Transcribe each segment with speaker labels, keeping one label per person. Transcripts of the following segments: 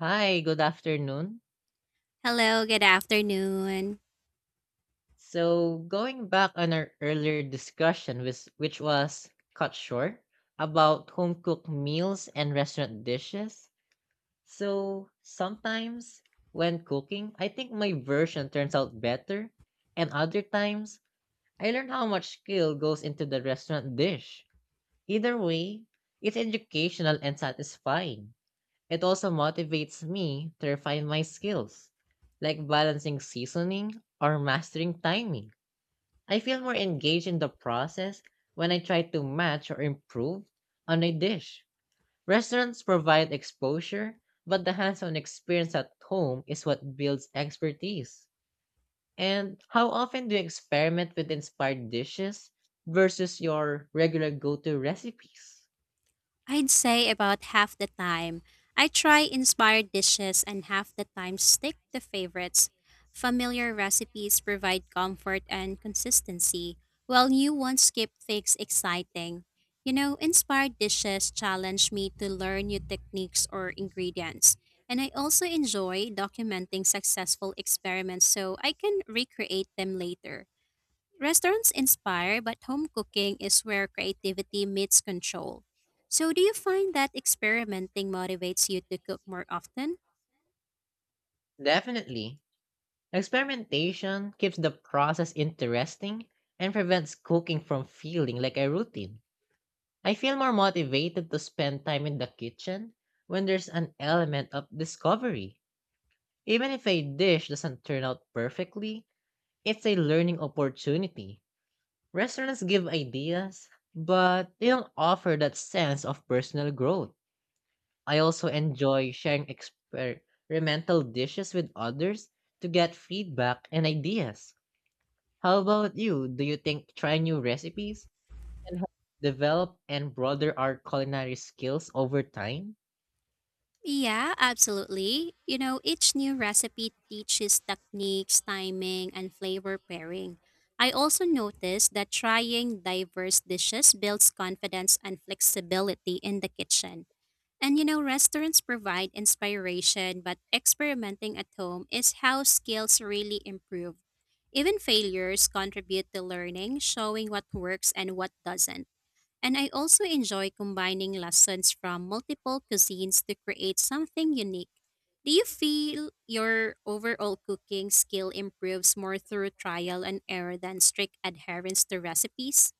Speaker 1: Hi, good afternoon.
Speaker 2: Hello, good afternoon.
Speaker 1: So, going back on our earlier discussion, which was cut short, about home cooked meals and restaurant dishes. So, sometimes when cooking, I think my version turns out better, and other times, I learn how much skill goes into the restaurant dish. Either way, it's educational and satisfying. It also motivates me to refine my skills, like balancing seasoning or mastering timing. I feel more engaged in the process when I try to match or improve on a dish. Restaurants provide exposure, but the hands on experience at home is what builds expertise. And how often do you experiment with inspired dishes versus your regular go to recipes?
Speaker 2: I'd say about half the time I try inspired dishes and half the time stick to favorites. Familiar recipes provide comfort and consistency, while new ones keep things exciting. You know, inspired dishes challenge me to learn new techniques or ingredients. And I also enjoy documenting successful experiments so I can recreate them later. Restaurants inspire, but home cooking is where creativity meets control. So, do you find that experimenting motivates you to cook more often?
Speaker 1: Definitely. Experimentation keeps the process interesting and prevents cooking from feeling like a routine. I feel more motivated to spend time in the kitchen when there's an element of discovery. Even if a dish doesn't turn out perfectly, it's a learning opportunity. Restaurants give ideas, but they don't offer that sense of personal growth. I also enjoy sharing experimental dishes with others to get feedback and ideas. How about you? Do you think trying new recipes can help develop and broaden our culinary skills over time?
Speaker 2: Yeah, absolutely. You know, each new recipe teaches techniques, timing, and flavor pairing. I also noticed that trying diverse dishes builds confidence and flexibility in the kitchen. And you know, restaurants provide inspiration, but experimenting at home is how skills really improve. Even failures contribute to learning, showing what works and what doesn't. And I also enjoy combining lessons from multiple cuisines to create something unique. Do you feel your overall cooking skill improves more through trial and error than strict adherence to recipes?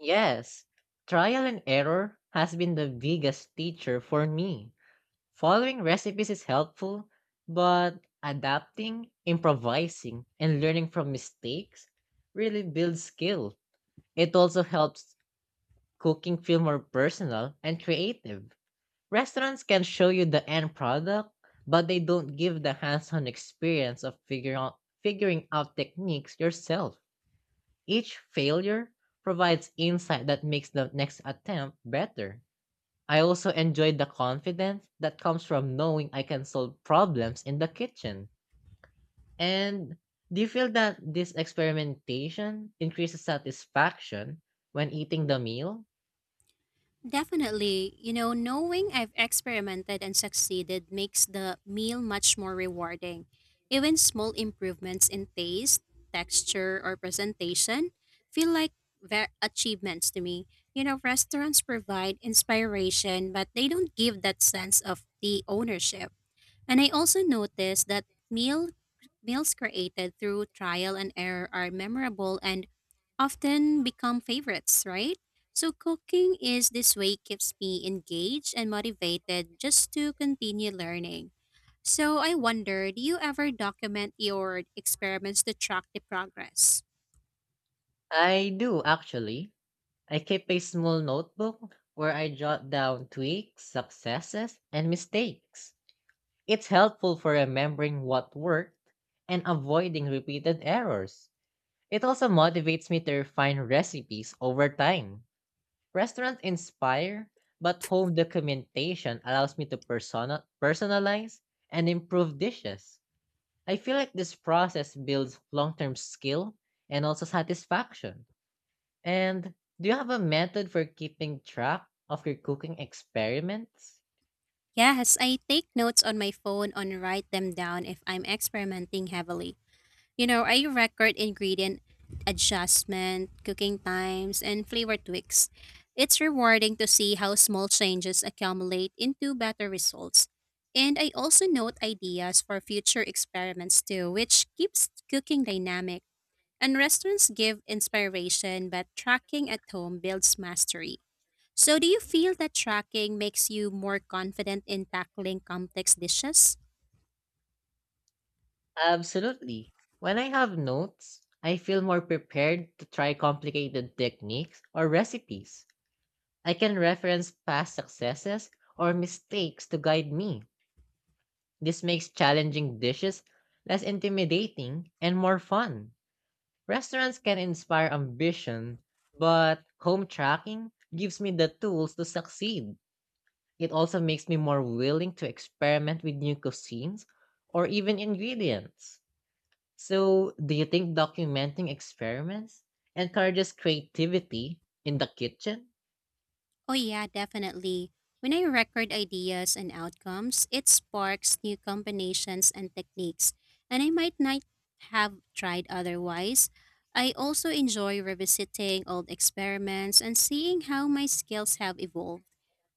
Speaker 1: Yes, trial and error has been the biggest teacher for me. Following recipes is helpful, but adapting, improvising, and learning from mistakes really builds skill. It also helps cooking feel more personal and creative. Restaurants can show you the end product, but they don't give the hands-on experience of figuring out techniques yourself. Each failure provides insight that makes the next attempt better. I also enjoyed the confidence that comes from knowing I can solve problems in the kitchen. And do you feel that this experimentation increases satisfaction when eating the meal?
Speaker 2: Definitely, you know, knowing I've experimented and succeeded makes the meal much more rewarding. Even small improvements in taste, texture, or presentation feel like achievements to me. You know, restaurants provide inspiration, but they don't give that sense of the ownership. And I also noticed that meal Meals created through trial and error are memorable and often become favorites, right? So cooking is this way keeps me engaged and motivated just to continue learning. So I wonder, do you ever document your experiments to track the progress?
Speaker 1: I do actually. I keep a small notebook where I jot down tweaks, successes, and mistakes. It's helpful for remembering what worked and avoiding repeated errors. It also motivates me to refine recipes over time. Restaurants inspire, but home documentation allows me to personalize and improve dishes. I feel like this process builds long term skill and also satisfaction. And do you have a method for keeping track of your cooking experiments?
Speaker 2: Yes, I take notes on my phone and write them down if I'm experimenting heavily. You know, I record ingredient adjustment, cooking times, and flavor tweaks. It's rewarding to see how small changes accumulate into better results. And I also note ideas for future experiments too, which keeps cooking dynamic. And restaurants give inspiration, but tracking at home builds mastery. So, do you feel that tracking makes you more confident in tackling complex dishes?
Speaker 1: Absolutely. When I have notes, I feel more prepared to try complicated techniques or recipes. I can reference past successes or mistakes to guide me. This makes challenging dishes less intimidating and more fun. Restaurants can inspire ambition, but home tracking gives me the tools to succeed. It also makes me more willing to experiment with new cuisines or even ingredients. So, do you think documenting experiments encourages creativity in the kitchen?
Speaker 2: Oh, yeah, definitely. When I record ideas and outcomes, it sparks new combinations and techniques, and I might not have tried otherwise. I also enjoy revisiting old experiments and seeing how my skills have evolved.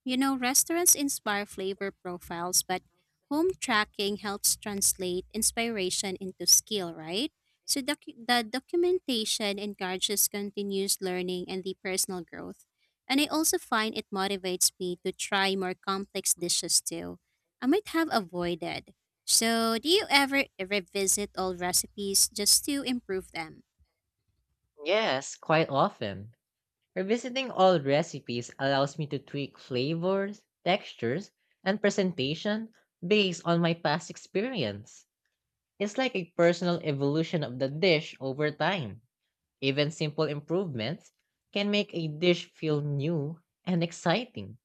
Speaker 2: You know, restaurants inspire flavor profiles, but home tracking helps translate inspiration into skill, right? So the documentation encourages continuous learning and the personal growth. And I also find it motivates me to try more complex dishes too. I might have avoided. So, do you ever revisit old recipes just to improve them?
Speaker 1: Yes, quite often. Revisiting old recipes allows me to tweak flavors, textures, and presentation based on my past experience. It's like a personal evolution of the dish over time. Even simple improvements can make a dish feel new and exciting.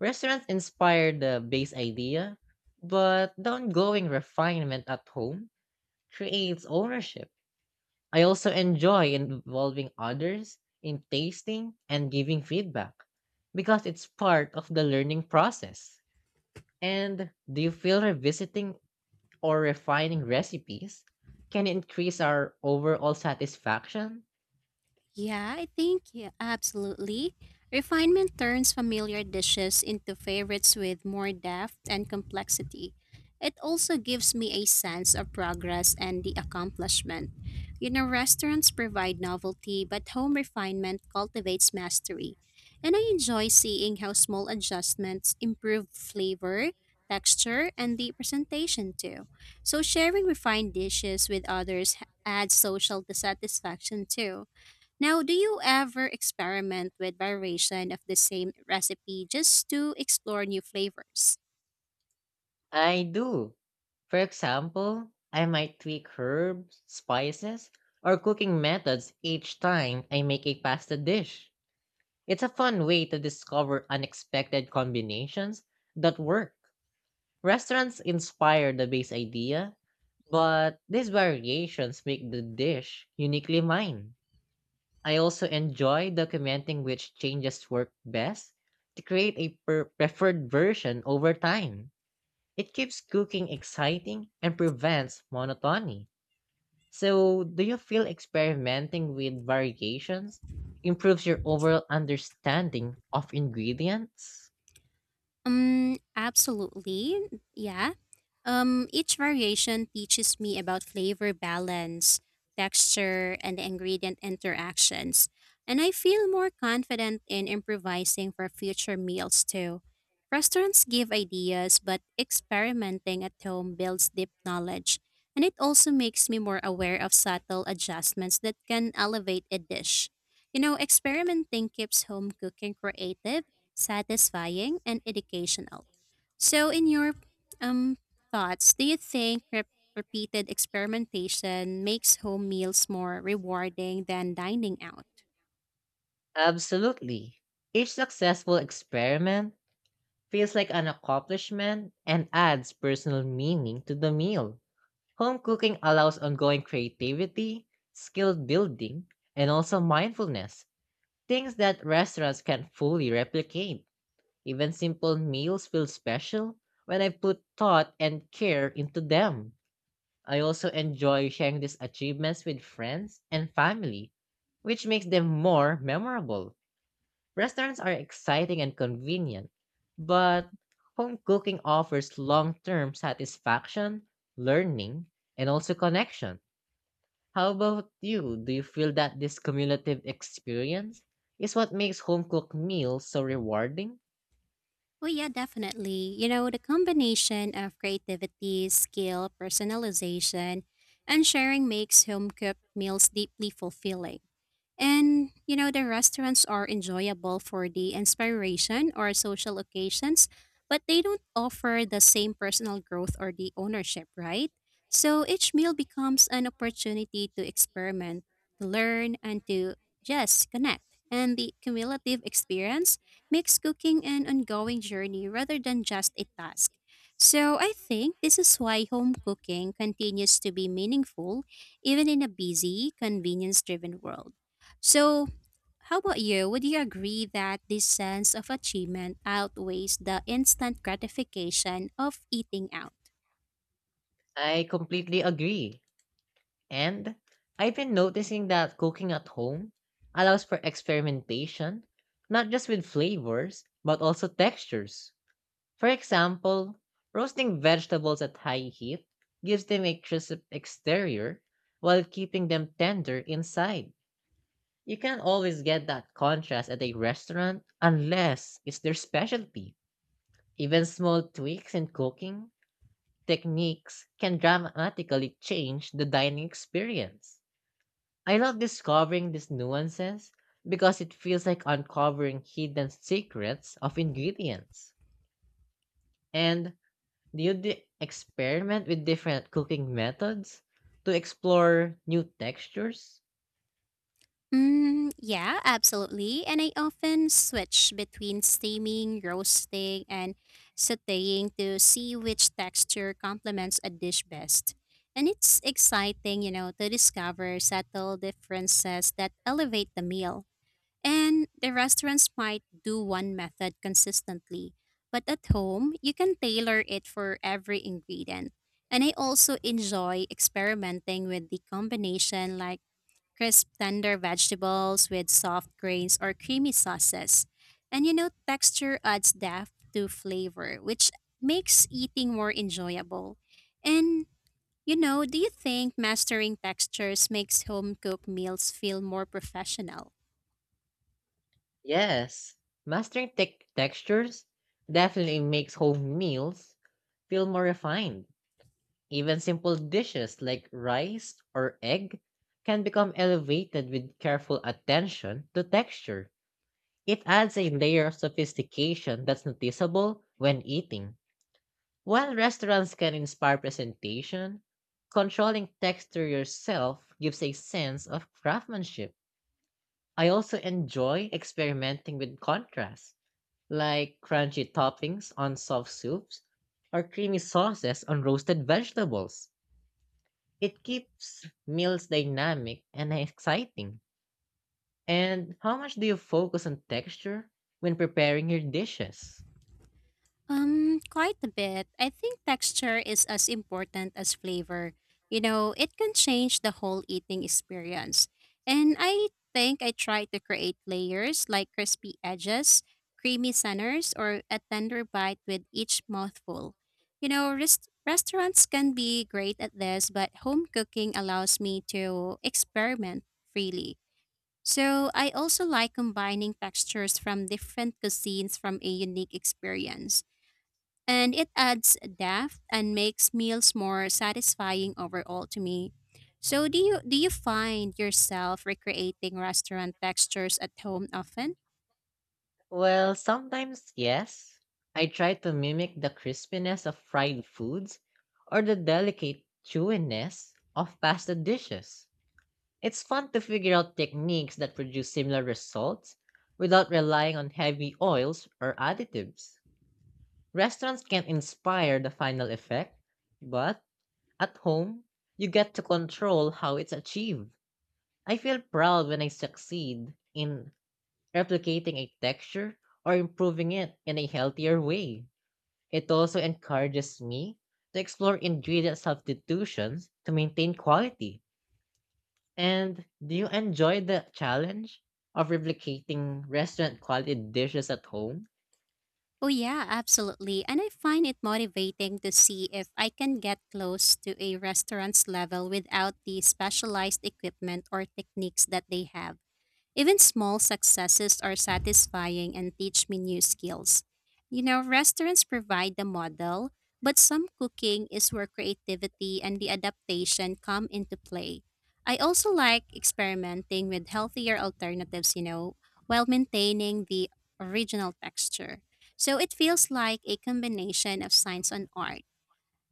Speaker 1: Restaurants inspire the base idea, but the ongoing refinement at home creates ownership. I also enjoy involving others in tasting and giving feedback because it's part of the learning process. And do you feel revisiting or refining recipes can increase our overall satisfaction?
Speaker 2: Yeah, I think yeah, absolutely. Refinement turns familiar dishes into favorites with more depth and complexity. It also gives me a sense of progress and the accomplishment. You know, restaurants provide novelty, but home refinement cultivates mastery. And I enjoy seeing how small adjustments improve flavor, texture, and the presentation too. So sharing refined dishes with others adds social satisfaction too. Now, do you ever experiment with variation of the same recipe just to explore new flavors?
Speaker 1: I do. For example, I might tweak herbs, spices, or cooking methods each time I make a pasta dish. It's a fun way to discover unexpected combinations that work. Restaurants inspire the base idea, but these variations make the dish uniquely mine. I also enjoy documenting which changes work best to create a preferred version over time. It keeps cooking exciting and prevents monotony. So, do you feel experimenting with variations improves your overall understanding of ingredients?
Speaker 2: Absolutely. Yeah. Each variation teaches me about flavor balance, texture, and ingredient interactions, and I feel more confident in improvising for future meals too. Restaurants give ideas, but experimenting at home builds deep knowledge, and it also makes me more aware of subtle adjustments that can elevate a dish. You know, experimenting keeps home cooking creative, satisfying, and educational. So, in your um thoughts. Do you think repeated experimentation makes home meals more rewarding than dining out?
Speaker 1: Absolutely. Each successful experiment feels like an accomplishment and adds personal meaning to the meal. Home cooking allows ongoing creativity, skill building, and also mindfulness, things that restaurants can't fully replicate. Even simple meals feel special when I put thought and care into them. I also enjoy sharing these achievements with friends and family, which makes them more memorable. Restaurants are exciting and convenient, but home cooking offers long term satisfaction, learning, and also connection. How about you? Do you feel that this cumulative experience is what makes home cooked meals so rewarding?
Speaker 2: Well, yeah, definitely. You know, the combination of creativity, skill, personalization, and sharing makes home cooked meals deeply fulfilling. And you know, the restaurants are enjoyable for the inspiration or social occasions, but they don't offer the same personal growth or the ownership, right? So each meal becomes an opportunity to experiment, to learn, and to just connect. And the cumulative experience makes cooking an ongoing journey rather than just a task. So I think this is why home cooking continues to be meaningful even in a busy, convenience driven world. So, how about you? Would you agree that this sense of achievement outweighs the instant gratification of eating out?
Speaker 1: I completely agree. And I've been noticing that cooking at home allows for experimentation, not just with flavors, but also textures. For example, roasting vegetables at high heat gives them a crisp exterior while keeping them tender inside. You can't always get that contrast at a restaurant unless it's their specialty. Even small tweaks in cooking techniques can dramatically change the dining experience. I love discovering these nuances because it feels like uncovering hidden secrets of ingredients. And do experiment with different cooking methods to explore new textures?
Speaker 2: Yeah, absolutely. And I often switch between steaming, roasting, and sauteing to see which texture complements a dish best. And it's exciting, you know, to discover subtle differences that elevate the meal. And the restaurants might do one method consistently, but at home, you can tailor it for every ingredient. And I also enjoy experimenting with the combination like crisp tender vegetables with soft grains or creamy sauces. And you know, texture adds depth to flavor, which makes eating more enjoyable. And you know, do you think mastering textures makes home cooked meals feel more professional?
Speaker 1: Yes, mastering tech textures definitely makes home meals feel more refined. Even simple dishes like rice or egg can become elevated with careful attention to texture. It adds a layer of sophistication that's noticeable when eating. While restaurants can inspire presentation, controlling texture yourself gives a sense of craftsmanship. I also enjoy experimenting with contrast, like crunchy toppings on soft soups or creamy sauces on roasted vegetables. It keeps meals dynamic and exciting. And how much do you focus on texture when preparing your dishes?
Speaker 2: Quite a bit. I think texture is as important as flavor. You know, it can change the whole eating experience. And I think I try to create layers like crispy edges, creamy centers, or a tender bite with each mouthful. You know, restaurants can be great at this, but home cooking allows me to experiment freely. So I also like combining textures from different cuisines from a unique experience and it adds depth and makes meals more satisfying overall to me. So do you find yourself recreating restaurant textures at home often?
Speaker 1: Well, sometimes yes. I try to mimic the crispiness of fried foods or the delicate chewiness of pasta dishes. It's fun to figure out techniques that produce similar results without relying on heavy oils or additives. Restaurants can't inspire the final effect, but at home, you get to control how it's achieved. I feel proud when I succeed in replicating a texture or improving it in a healthier way. It also encourages me to explore ingredient substitutions to maintain quality. And do you enjoy the challenge of replicating restaurant quality dishes at home?
Speaker 2: Oh yeah, absolutely. And I find it motivating to see if I can get close to a restaurant's level without the specialized equipment or techniques that they have. Even small successes are satisfying and teach me new skills. You know, restaurants provide the model, but some cooking is where creativity and the adaptation come into play. I also like experimenting with healthier alternatives, you know, while maintaining the original texture. So it feels like a combination of science and art.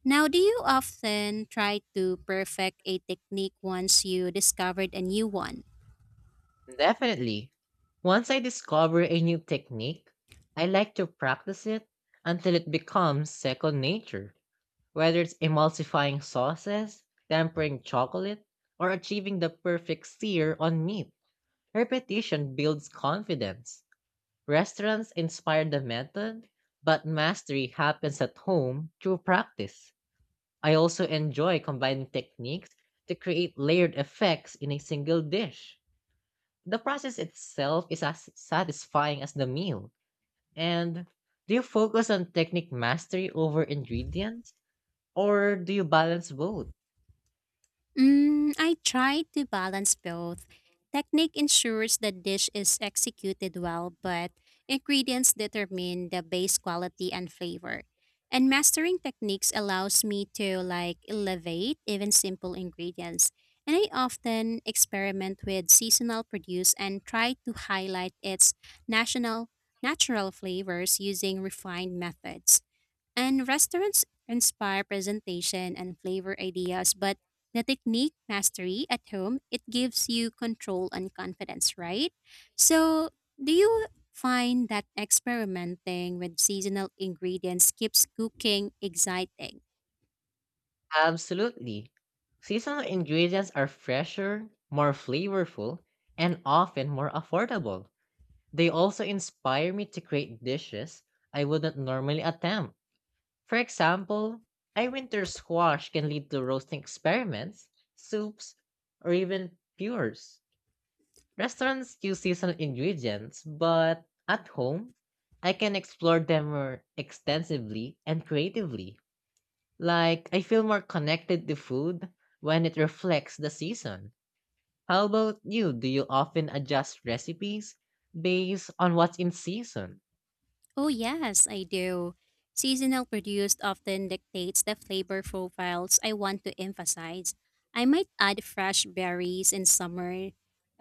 Speaker 2: Now, do you often try to perfect a technique once you discovered a new one?
Speaker 1: Definitely. Once I discover a new technique, I like to practice it until it becomes second nature. Whether it's emulsifying sauces, tempering chocolate, or achieving the perfect sear on meat, repetition builds confidence. Restaurants inspire the method, but mastery happens at home through practice. I also enjoy combining techniques to create layered effects in a single dish. The process itself is as satisfying as the meal. And do you focus on technique mastery over ingredients, or do you balance both?
Speaker 2: I try to balance both. Technique ensures the dish is executed well, but ingredients determine the base quality and flavor. And mastering techniques allows me to like elevate even simple ingredients. And I often experiment with seasonal produce and try to highlight its national natural flavors using refined methods. And restaurants inspire presentation and flavor ideas, but the technique mastery at home, it gives you control and confidence, right? So, do you find that experimenting with seasonal ingredients keeps cooking exciting?
Speaker 1: Absolutely. Seasonal ingredients are fresher, more flavorful, and often more affordable. They also inspire me to create dishes I wouldn't normally attempt. For example, a winter squash can lead to roasting experiments, soups, or even pures. Restaurants use seasonal ingredients, but at home, I can explore them more extensively and creatively. Like, I feel more connected to food when it reflects the season. How about you? Do you often adjust recipes based on what's in season?
Speaker 2: Oh, yes, I do. Seasonal produced often dictates the flavor profiles I want to emphasize. I might add fresh berries in summer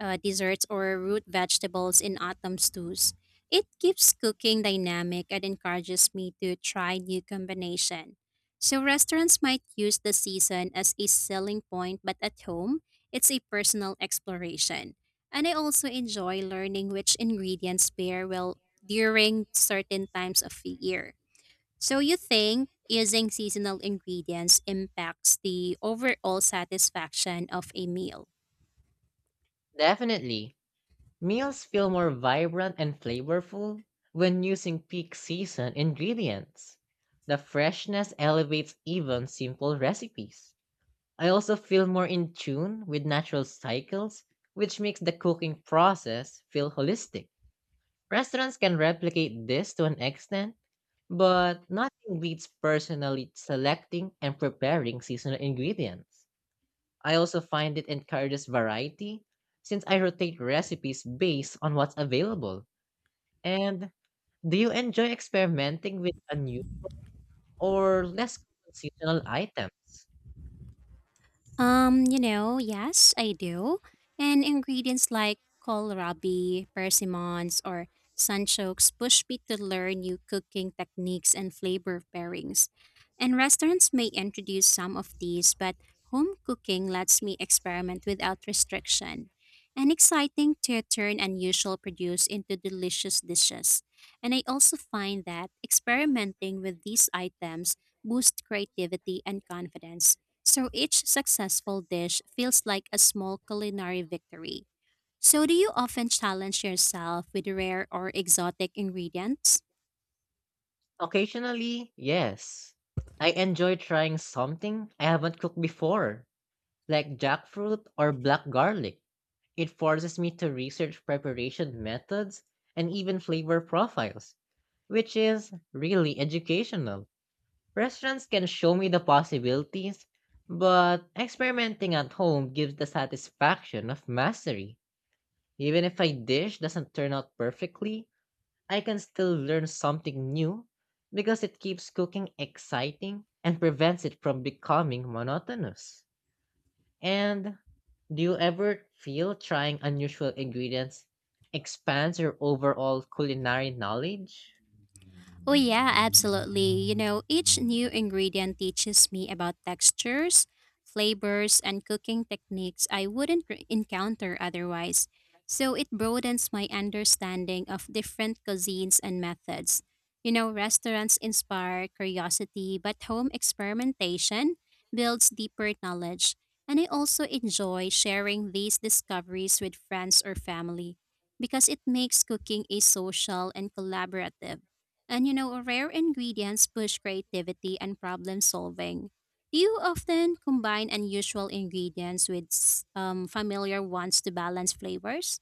Speaker 2: desserts or root vegetables in autumn stews. It keeps cooking dynamic and encourages me to try new combination. So restaurants might use the season as a selling point, but at home, it's a personal exploration. And I also enjoy learning which ingredients pair well during certain times of the year. So you think using seasonal ingredients impacts the overall satisfaction of a meal?
Speaker 1: Definitely. Meals feel more vibrant and flavorful when using peak season ingredients. The freshness elevates even simple recipes. I also feel more in tune with natural cycles, which makes the cooking process feel holistic. Restaurants can replicate this to an extent. But nothing beats personally selecting and preparing seasonal ingredients. I also find it encourages variety since I rotate recipes based on what's available. And do you enjoy experimenting with a new or less common seasonal items?
Speaker 2: You know, yes, I do. And ingredients like kohlrabi, persimmons, or sunchokes push me to learn new cooking techniques and flavor pairings. And restaurants may introduce some of these, but home cooking lets me experiment without restriction. And exciting to turn unusual produce into delicious dishes. And I also find that experimenting with these items boosts creativity and confidence. So each successful dish feels like a small culinary victory. So, do you often challenge yourself with rare or exotic ingredients?
Speaker 1: Occasionally, yes. I enjoy trying something I haven't cooked before, like jackfruit or black garlic. It forces me to research preparation methods and even flavor profiles, which is really educational. Restaurants can show me the possibilities, but experimenting at home gives the satisfaction of mastery. Even if a dish doesn't turn out perfectly, I can still learn something new because it keeps cooking exciting and prevents it from becoming monotonous. And do you ever feel trying unusual ingredients expands your overall culinary knowledge?
Speaker 2: Oh, yeah, absolutely. You know, each new ingredient teaches me about textures, flavors, and cooking techniques I wouldn't encounter otherwise. So it broadens my understanding of different cuisines and methods. You know, restaurants inspire curiosity, but home experimentation builds deeper knowledge. And I also enjoy sharing these discoveries with friends or family because it makes cooking a social and collaborative. And you know, rare ingredients push creativity and problem solving. Do you often combine unusual ingredients with familiar ones to balance flavors?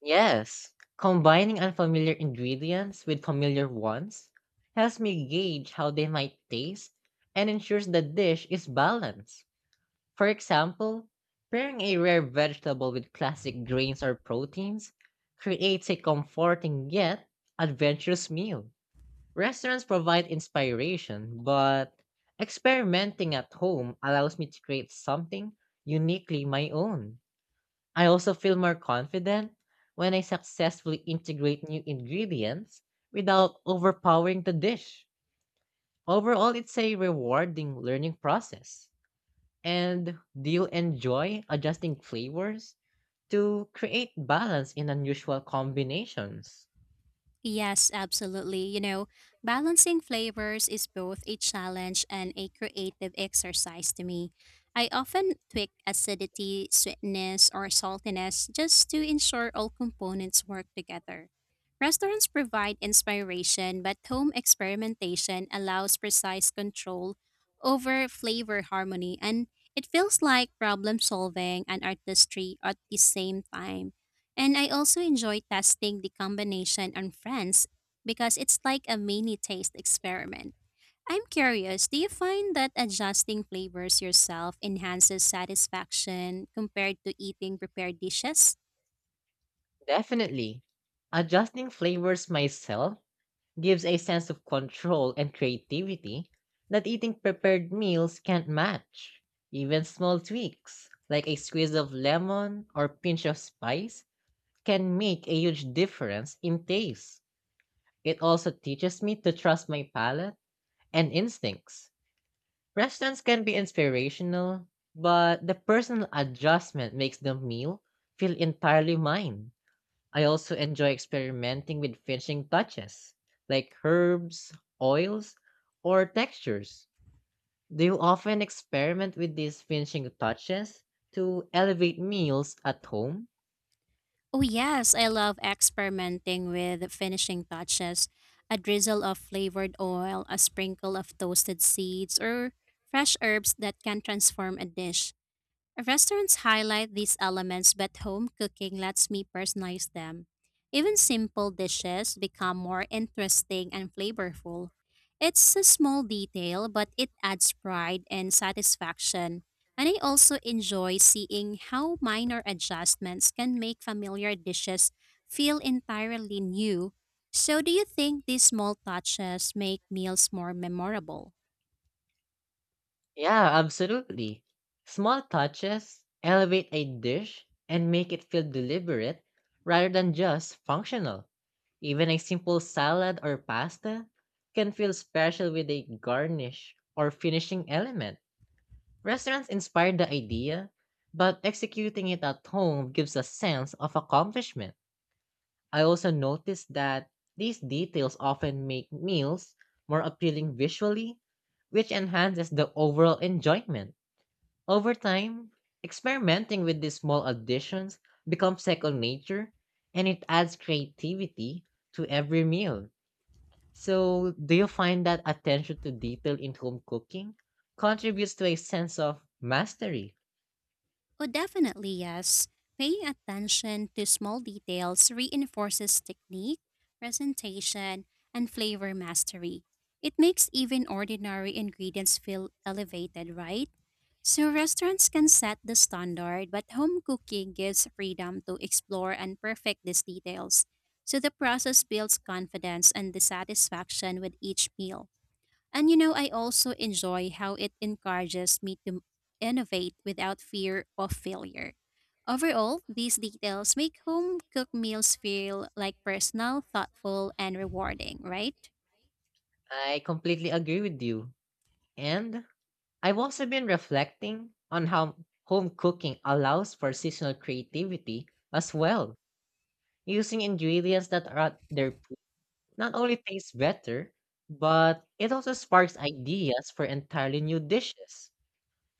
Speaker 1: Yes, combining unfamiliar ingredients with familiar ones helps me gauge how they might taste and ensures the dish is balanced. For example, pairing a rare vegetable with classic grains or proteins creates a comforting yet adventurous meal. Restaurants provide inspiration, but experimenting at home allows me to create something uniquely my own. I also feel more confident when I successfully integrate new ingredients without overpowering the dish. Overall, it's a rewarding learning process. And do you enjoy adjusting flavors to create balance in unusual combinations?
Speaker 2: Yes, absolutely. You know, balancing flavors is both a challenge and a creative exercise to me. I often tweak acidity, sweetness, or saltiness just to ensure all components work together. Restaurants provide inspiration, but home experimentation allows precise control over flavor harmony, and it feels like problem solving and artistry at the same time. And I also enjoy testing the combination on friends because it's like a mini taste experiment. I'm curious, do you find that adjusting flavors yourself enhances satisfaction compared to eating prepared dishes?
Speaker 1: Definitely. Adjusting flavors myself gives a sense of control and creativity that eating prepared meals can't match. Even small tweaks, like a squeeze of lemon or pinch of spice, can make a huge difference in taste. It also teaches me to trust my palate and instincts. Restaurants can be inspirational, but the personal adjustment makes the meal feel entirely mine. I also enjoy experimenting with finishing touches, like herbs, oils, or textures. Do you often experiment with these finishing touches to elevate meals at home?
Speaker 2: Oh, yes, I love experimenting with finishing touches. A drizzle of flavored oil, a sprinkle of toasted seeds, or fresh herbs that can transform a dish. Restaurants highlight these elements, but home cooking lets me personalize them. Even simple dishes become more interesting and flavorful. It's a small detail, but it adds pride and satisfaction. And I also enjoy seeing how minor adjustments can make familiar dishes feel entirely new. So, do you think these small touches make meals more memorable?
Speaker 1: Yeah, absolutely. Small touches elevate a dish and make it feel deliberate rather than just functional. Even a simple salad or pasta can feel special with a garnish or finishing element. Restaurants inspired the idea, but executing it at home gives a sense of accomplishment. I also noticed that these details often make meals more appealing visually, which enhances the overall enjoyment. Over time, experimenting with these small additions becomes second nature and it adds creativity to every meal. So, do you find that attention to detail in home cooking contributes to a sense of mastery?
Speaker 2: Oh, definitely yes. Paying attention to small details reinforces technique, presentation, and flavor mastery. It makes even ordinary ingredients feel elevated, right? So, restaurants can set the standard, but home cooking gives freedom to explore and perfect these details. So, the process builds confidence and the satisfaction with each meal. And you know, I also enjoy how it encourages me to innovate without fear of failure. Overall, these details make home cooked meals feel like personal, thoughtful, and rewarding, right?
Speaker 1: I completely agree with you. And I've also been reflecting on how home cooking allows for seasonal creativity as well. Using ingredients that are at their peak not only tastes better, but it also sparks ideas for entirely new dishes.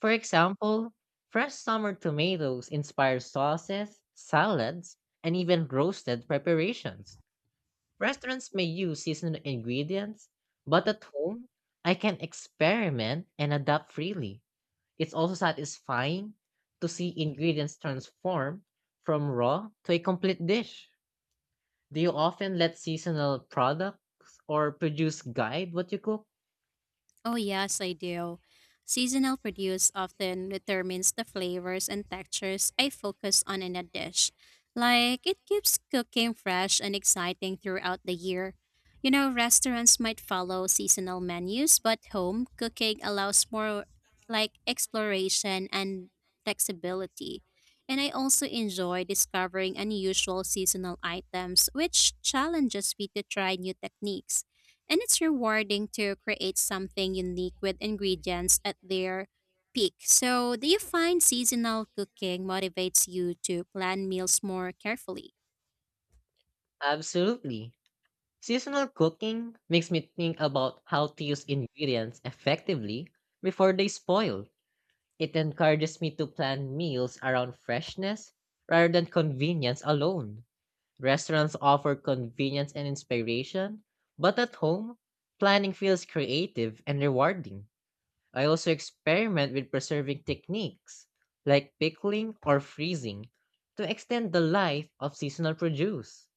Speaker 1: For example, fresh summer tomatoes inspire sauces, salads, and even roasted preparations. Restaurants may use seasonal ingredients, but at home, I can experiment and adapt freely. It's also satisfying to see ingredients transform from raw to a complete dish. Do you often let seasonal products or produce guide what you cook?
Speaker 2: Oh, yes, I do. Seasonal produce often determines the flavors and textures I focus on in a dish. Like, it keeps cooking fresh and exciting throughout the year. You know, restaurants might follow seasonal menus, but home cooking allows more like exploration and flexibility. And I also enjoy discovering unusual seasonal items, which challenges me to try new techniques. And it's rewarding to create something unique with ingredients at their peak. So, do you find seasonal cooking motivates you to plan meals more carefully?
Speaker 1: Absolutely. Seasonal cooking makes me think about how to use ingredients effectively before they spoil. It encourages me to plan meals around freshness rather than convenience alone. Restaurants offer convenience and inspiration, but at home, planning feels creative and rewarding. I also experiment with preserving techniques like pickling or freezing to extend the life of seasonal produce.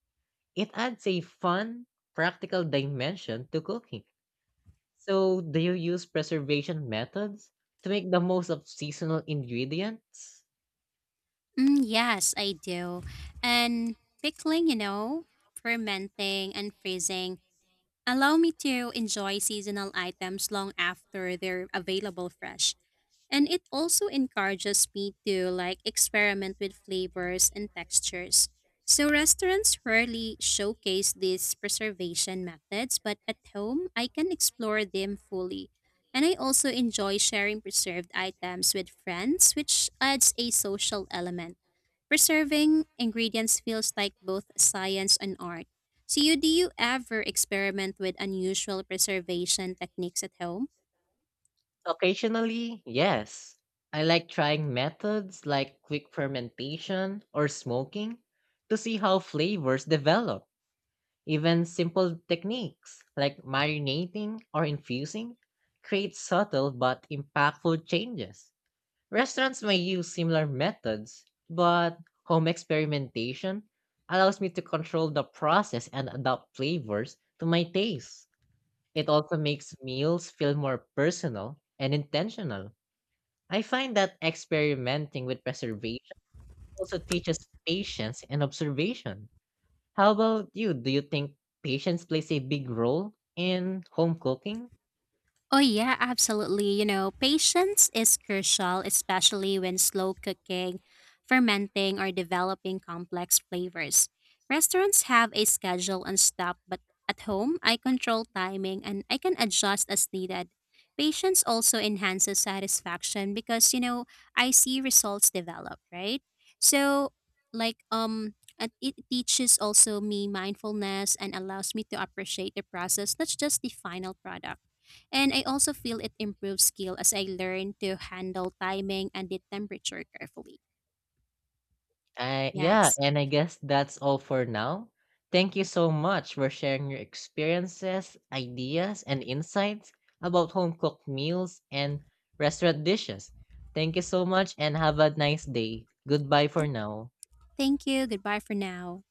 Speaker 1: It adds a fun, practical dimension to cooking. So, do you use preservation methods to make the most of seasonal ingredients?
Speaker 2: Yes, I do. And pickling, you know, fermenting and freezing allow me to enjoy seasonal items long after they're available fresh. And it also encourages me to like experiment with flavors and textures. So restaurants rarely showcase these preservation methods, but at home I can explore them fully. And I also enjoy sharing preserved items with friends, which adds a social element. Preserving ingredients feels like both science and art. So you, do you ever experiment with unusual preservation techniques at home?
Speaker 1: Occasionally, yes. I like trying methods like quick fermentation or smoking to see how flavors develop. Even simple techniques like marinating or infusing create subtle but impactful changes. Restaurants may use similar methods, but home experimentation allows me to control the process and adapt flavors to my taste. It also makes meals feel more personal and intentional. I find that experimenting with preservation also teaches patience and observation. How about you? Do you think patience plays a big role in home cooking?
Speaker 2: Oh, yeah, absolutely. You know, patience is crucial, especially when slow cooking, fermenting, or developing complex flavors. Restaurants have a schedule and stuff, but at home, I control timing and I can adjust as needed. Patience also enhances satisfaction because, you know, I see results develop, right? So, and it teaches also me mindfulness and allows me to appreciate the process, not just the final product. And I also feel it improves skill as I learn to handle timing and the temperature carefully.
Speaker 1: Yeah,
Speaker 2: Yes.
Speaker 1: and I guess that's all for now. Thank you so much for sharing your experiences, ideas, and insights about home cooked meals and restaurant dishes. Thank you so much and have a nice day. Goodbye for
Speaker 2: Th-
Speaker 1: now.
Speaker 2: Thank you. Goodbye for now.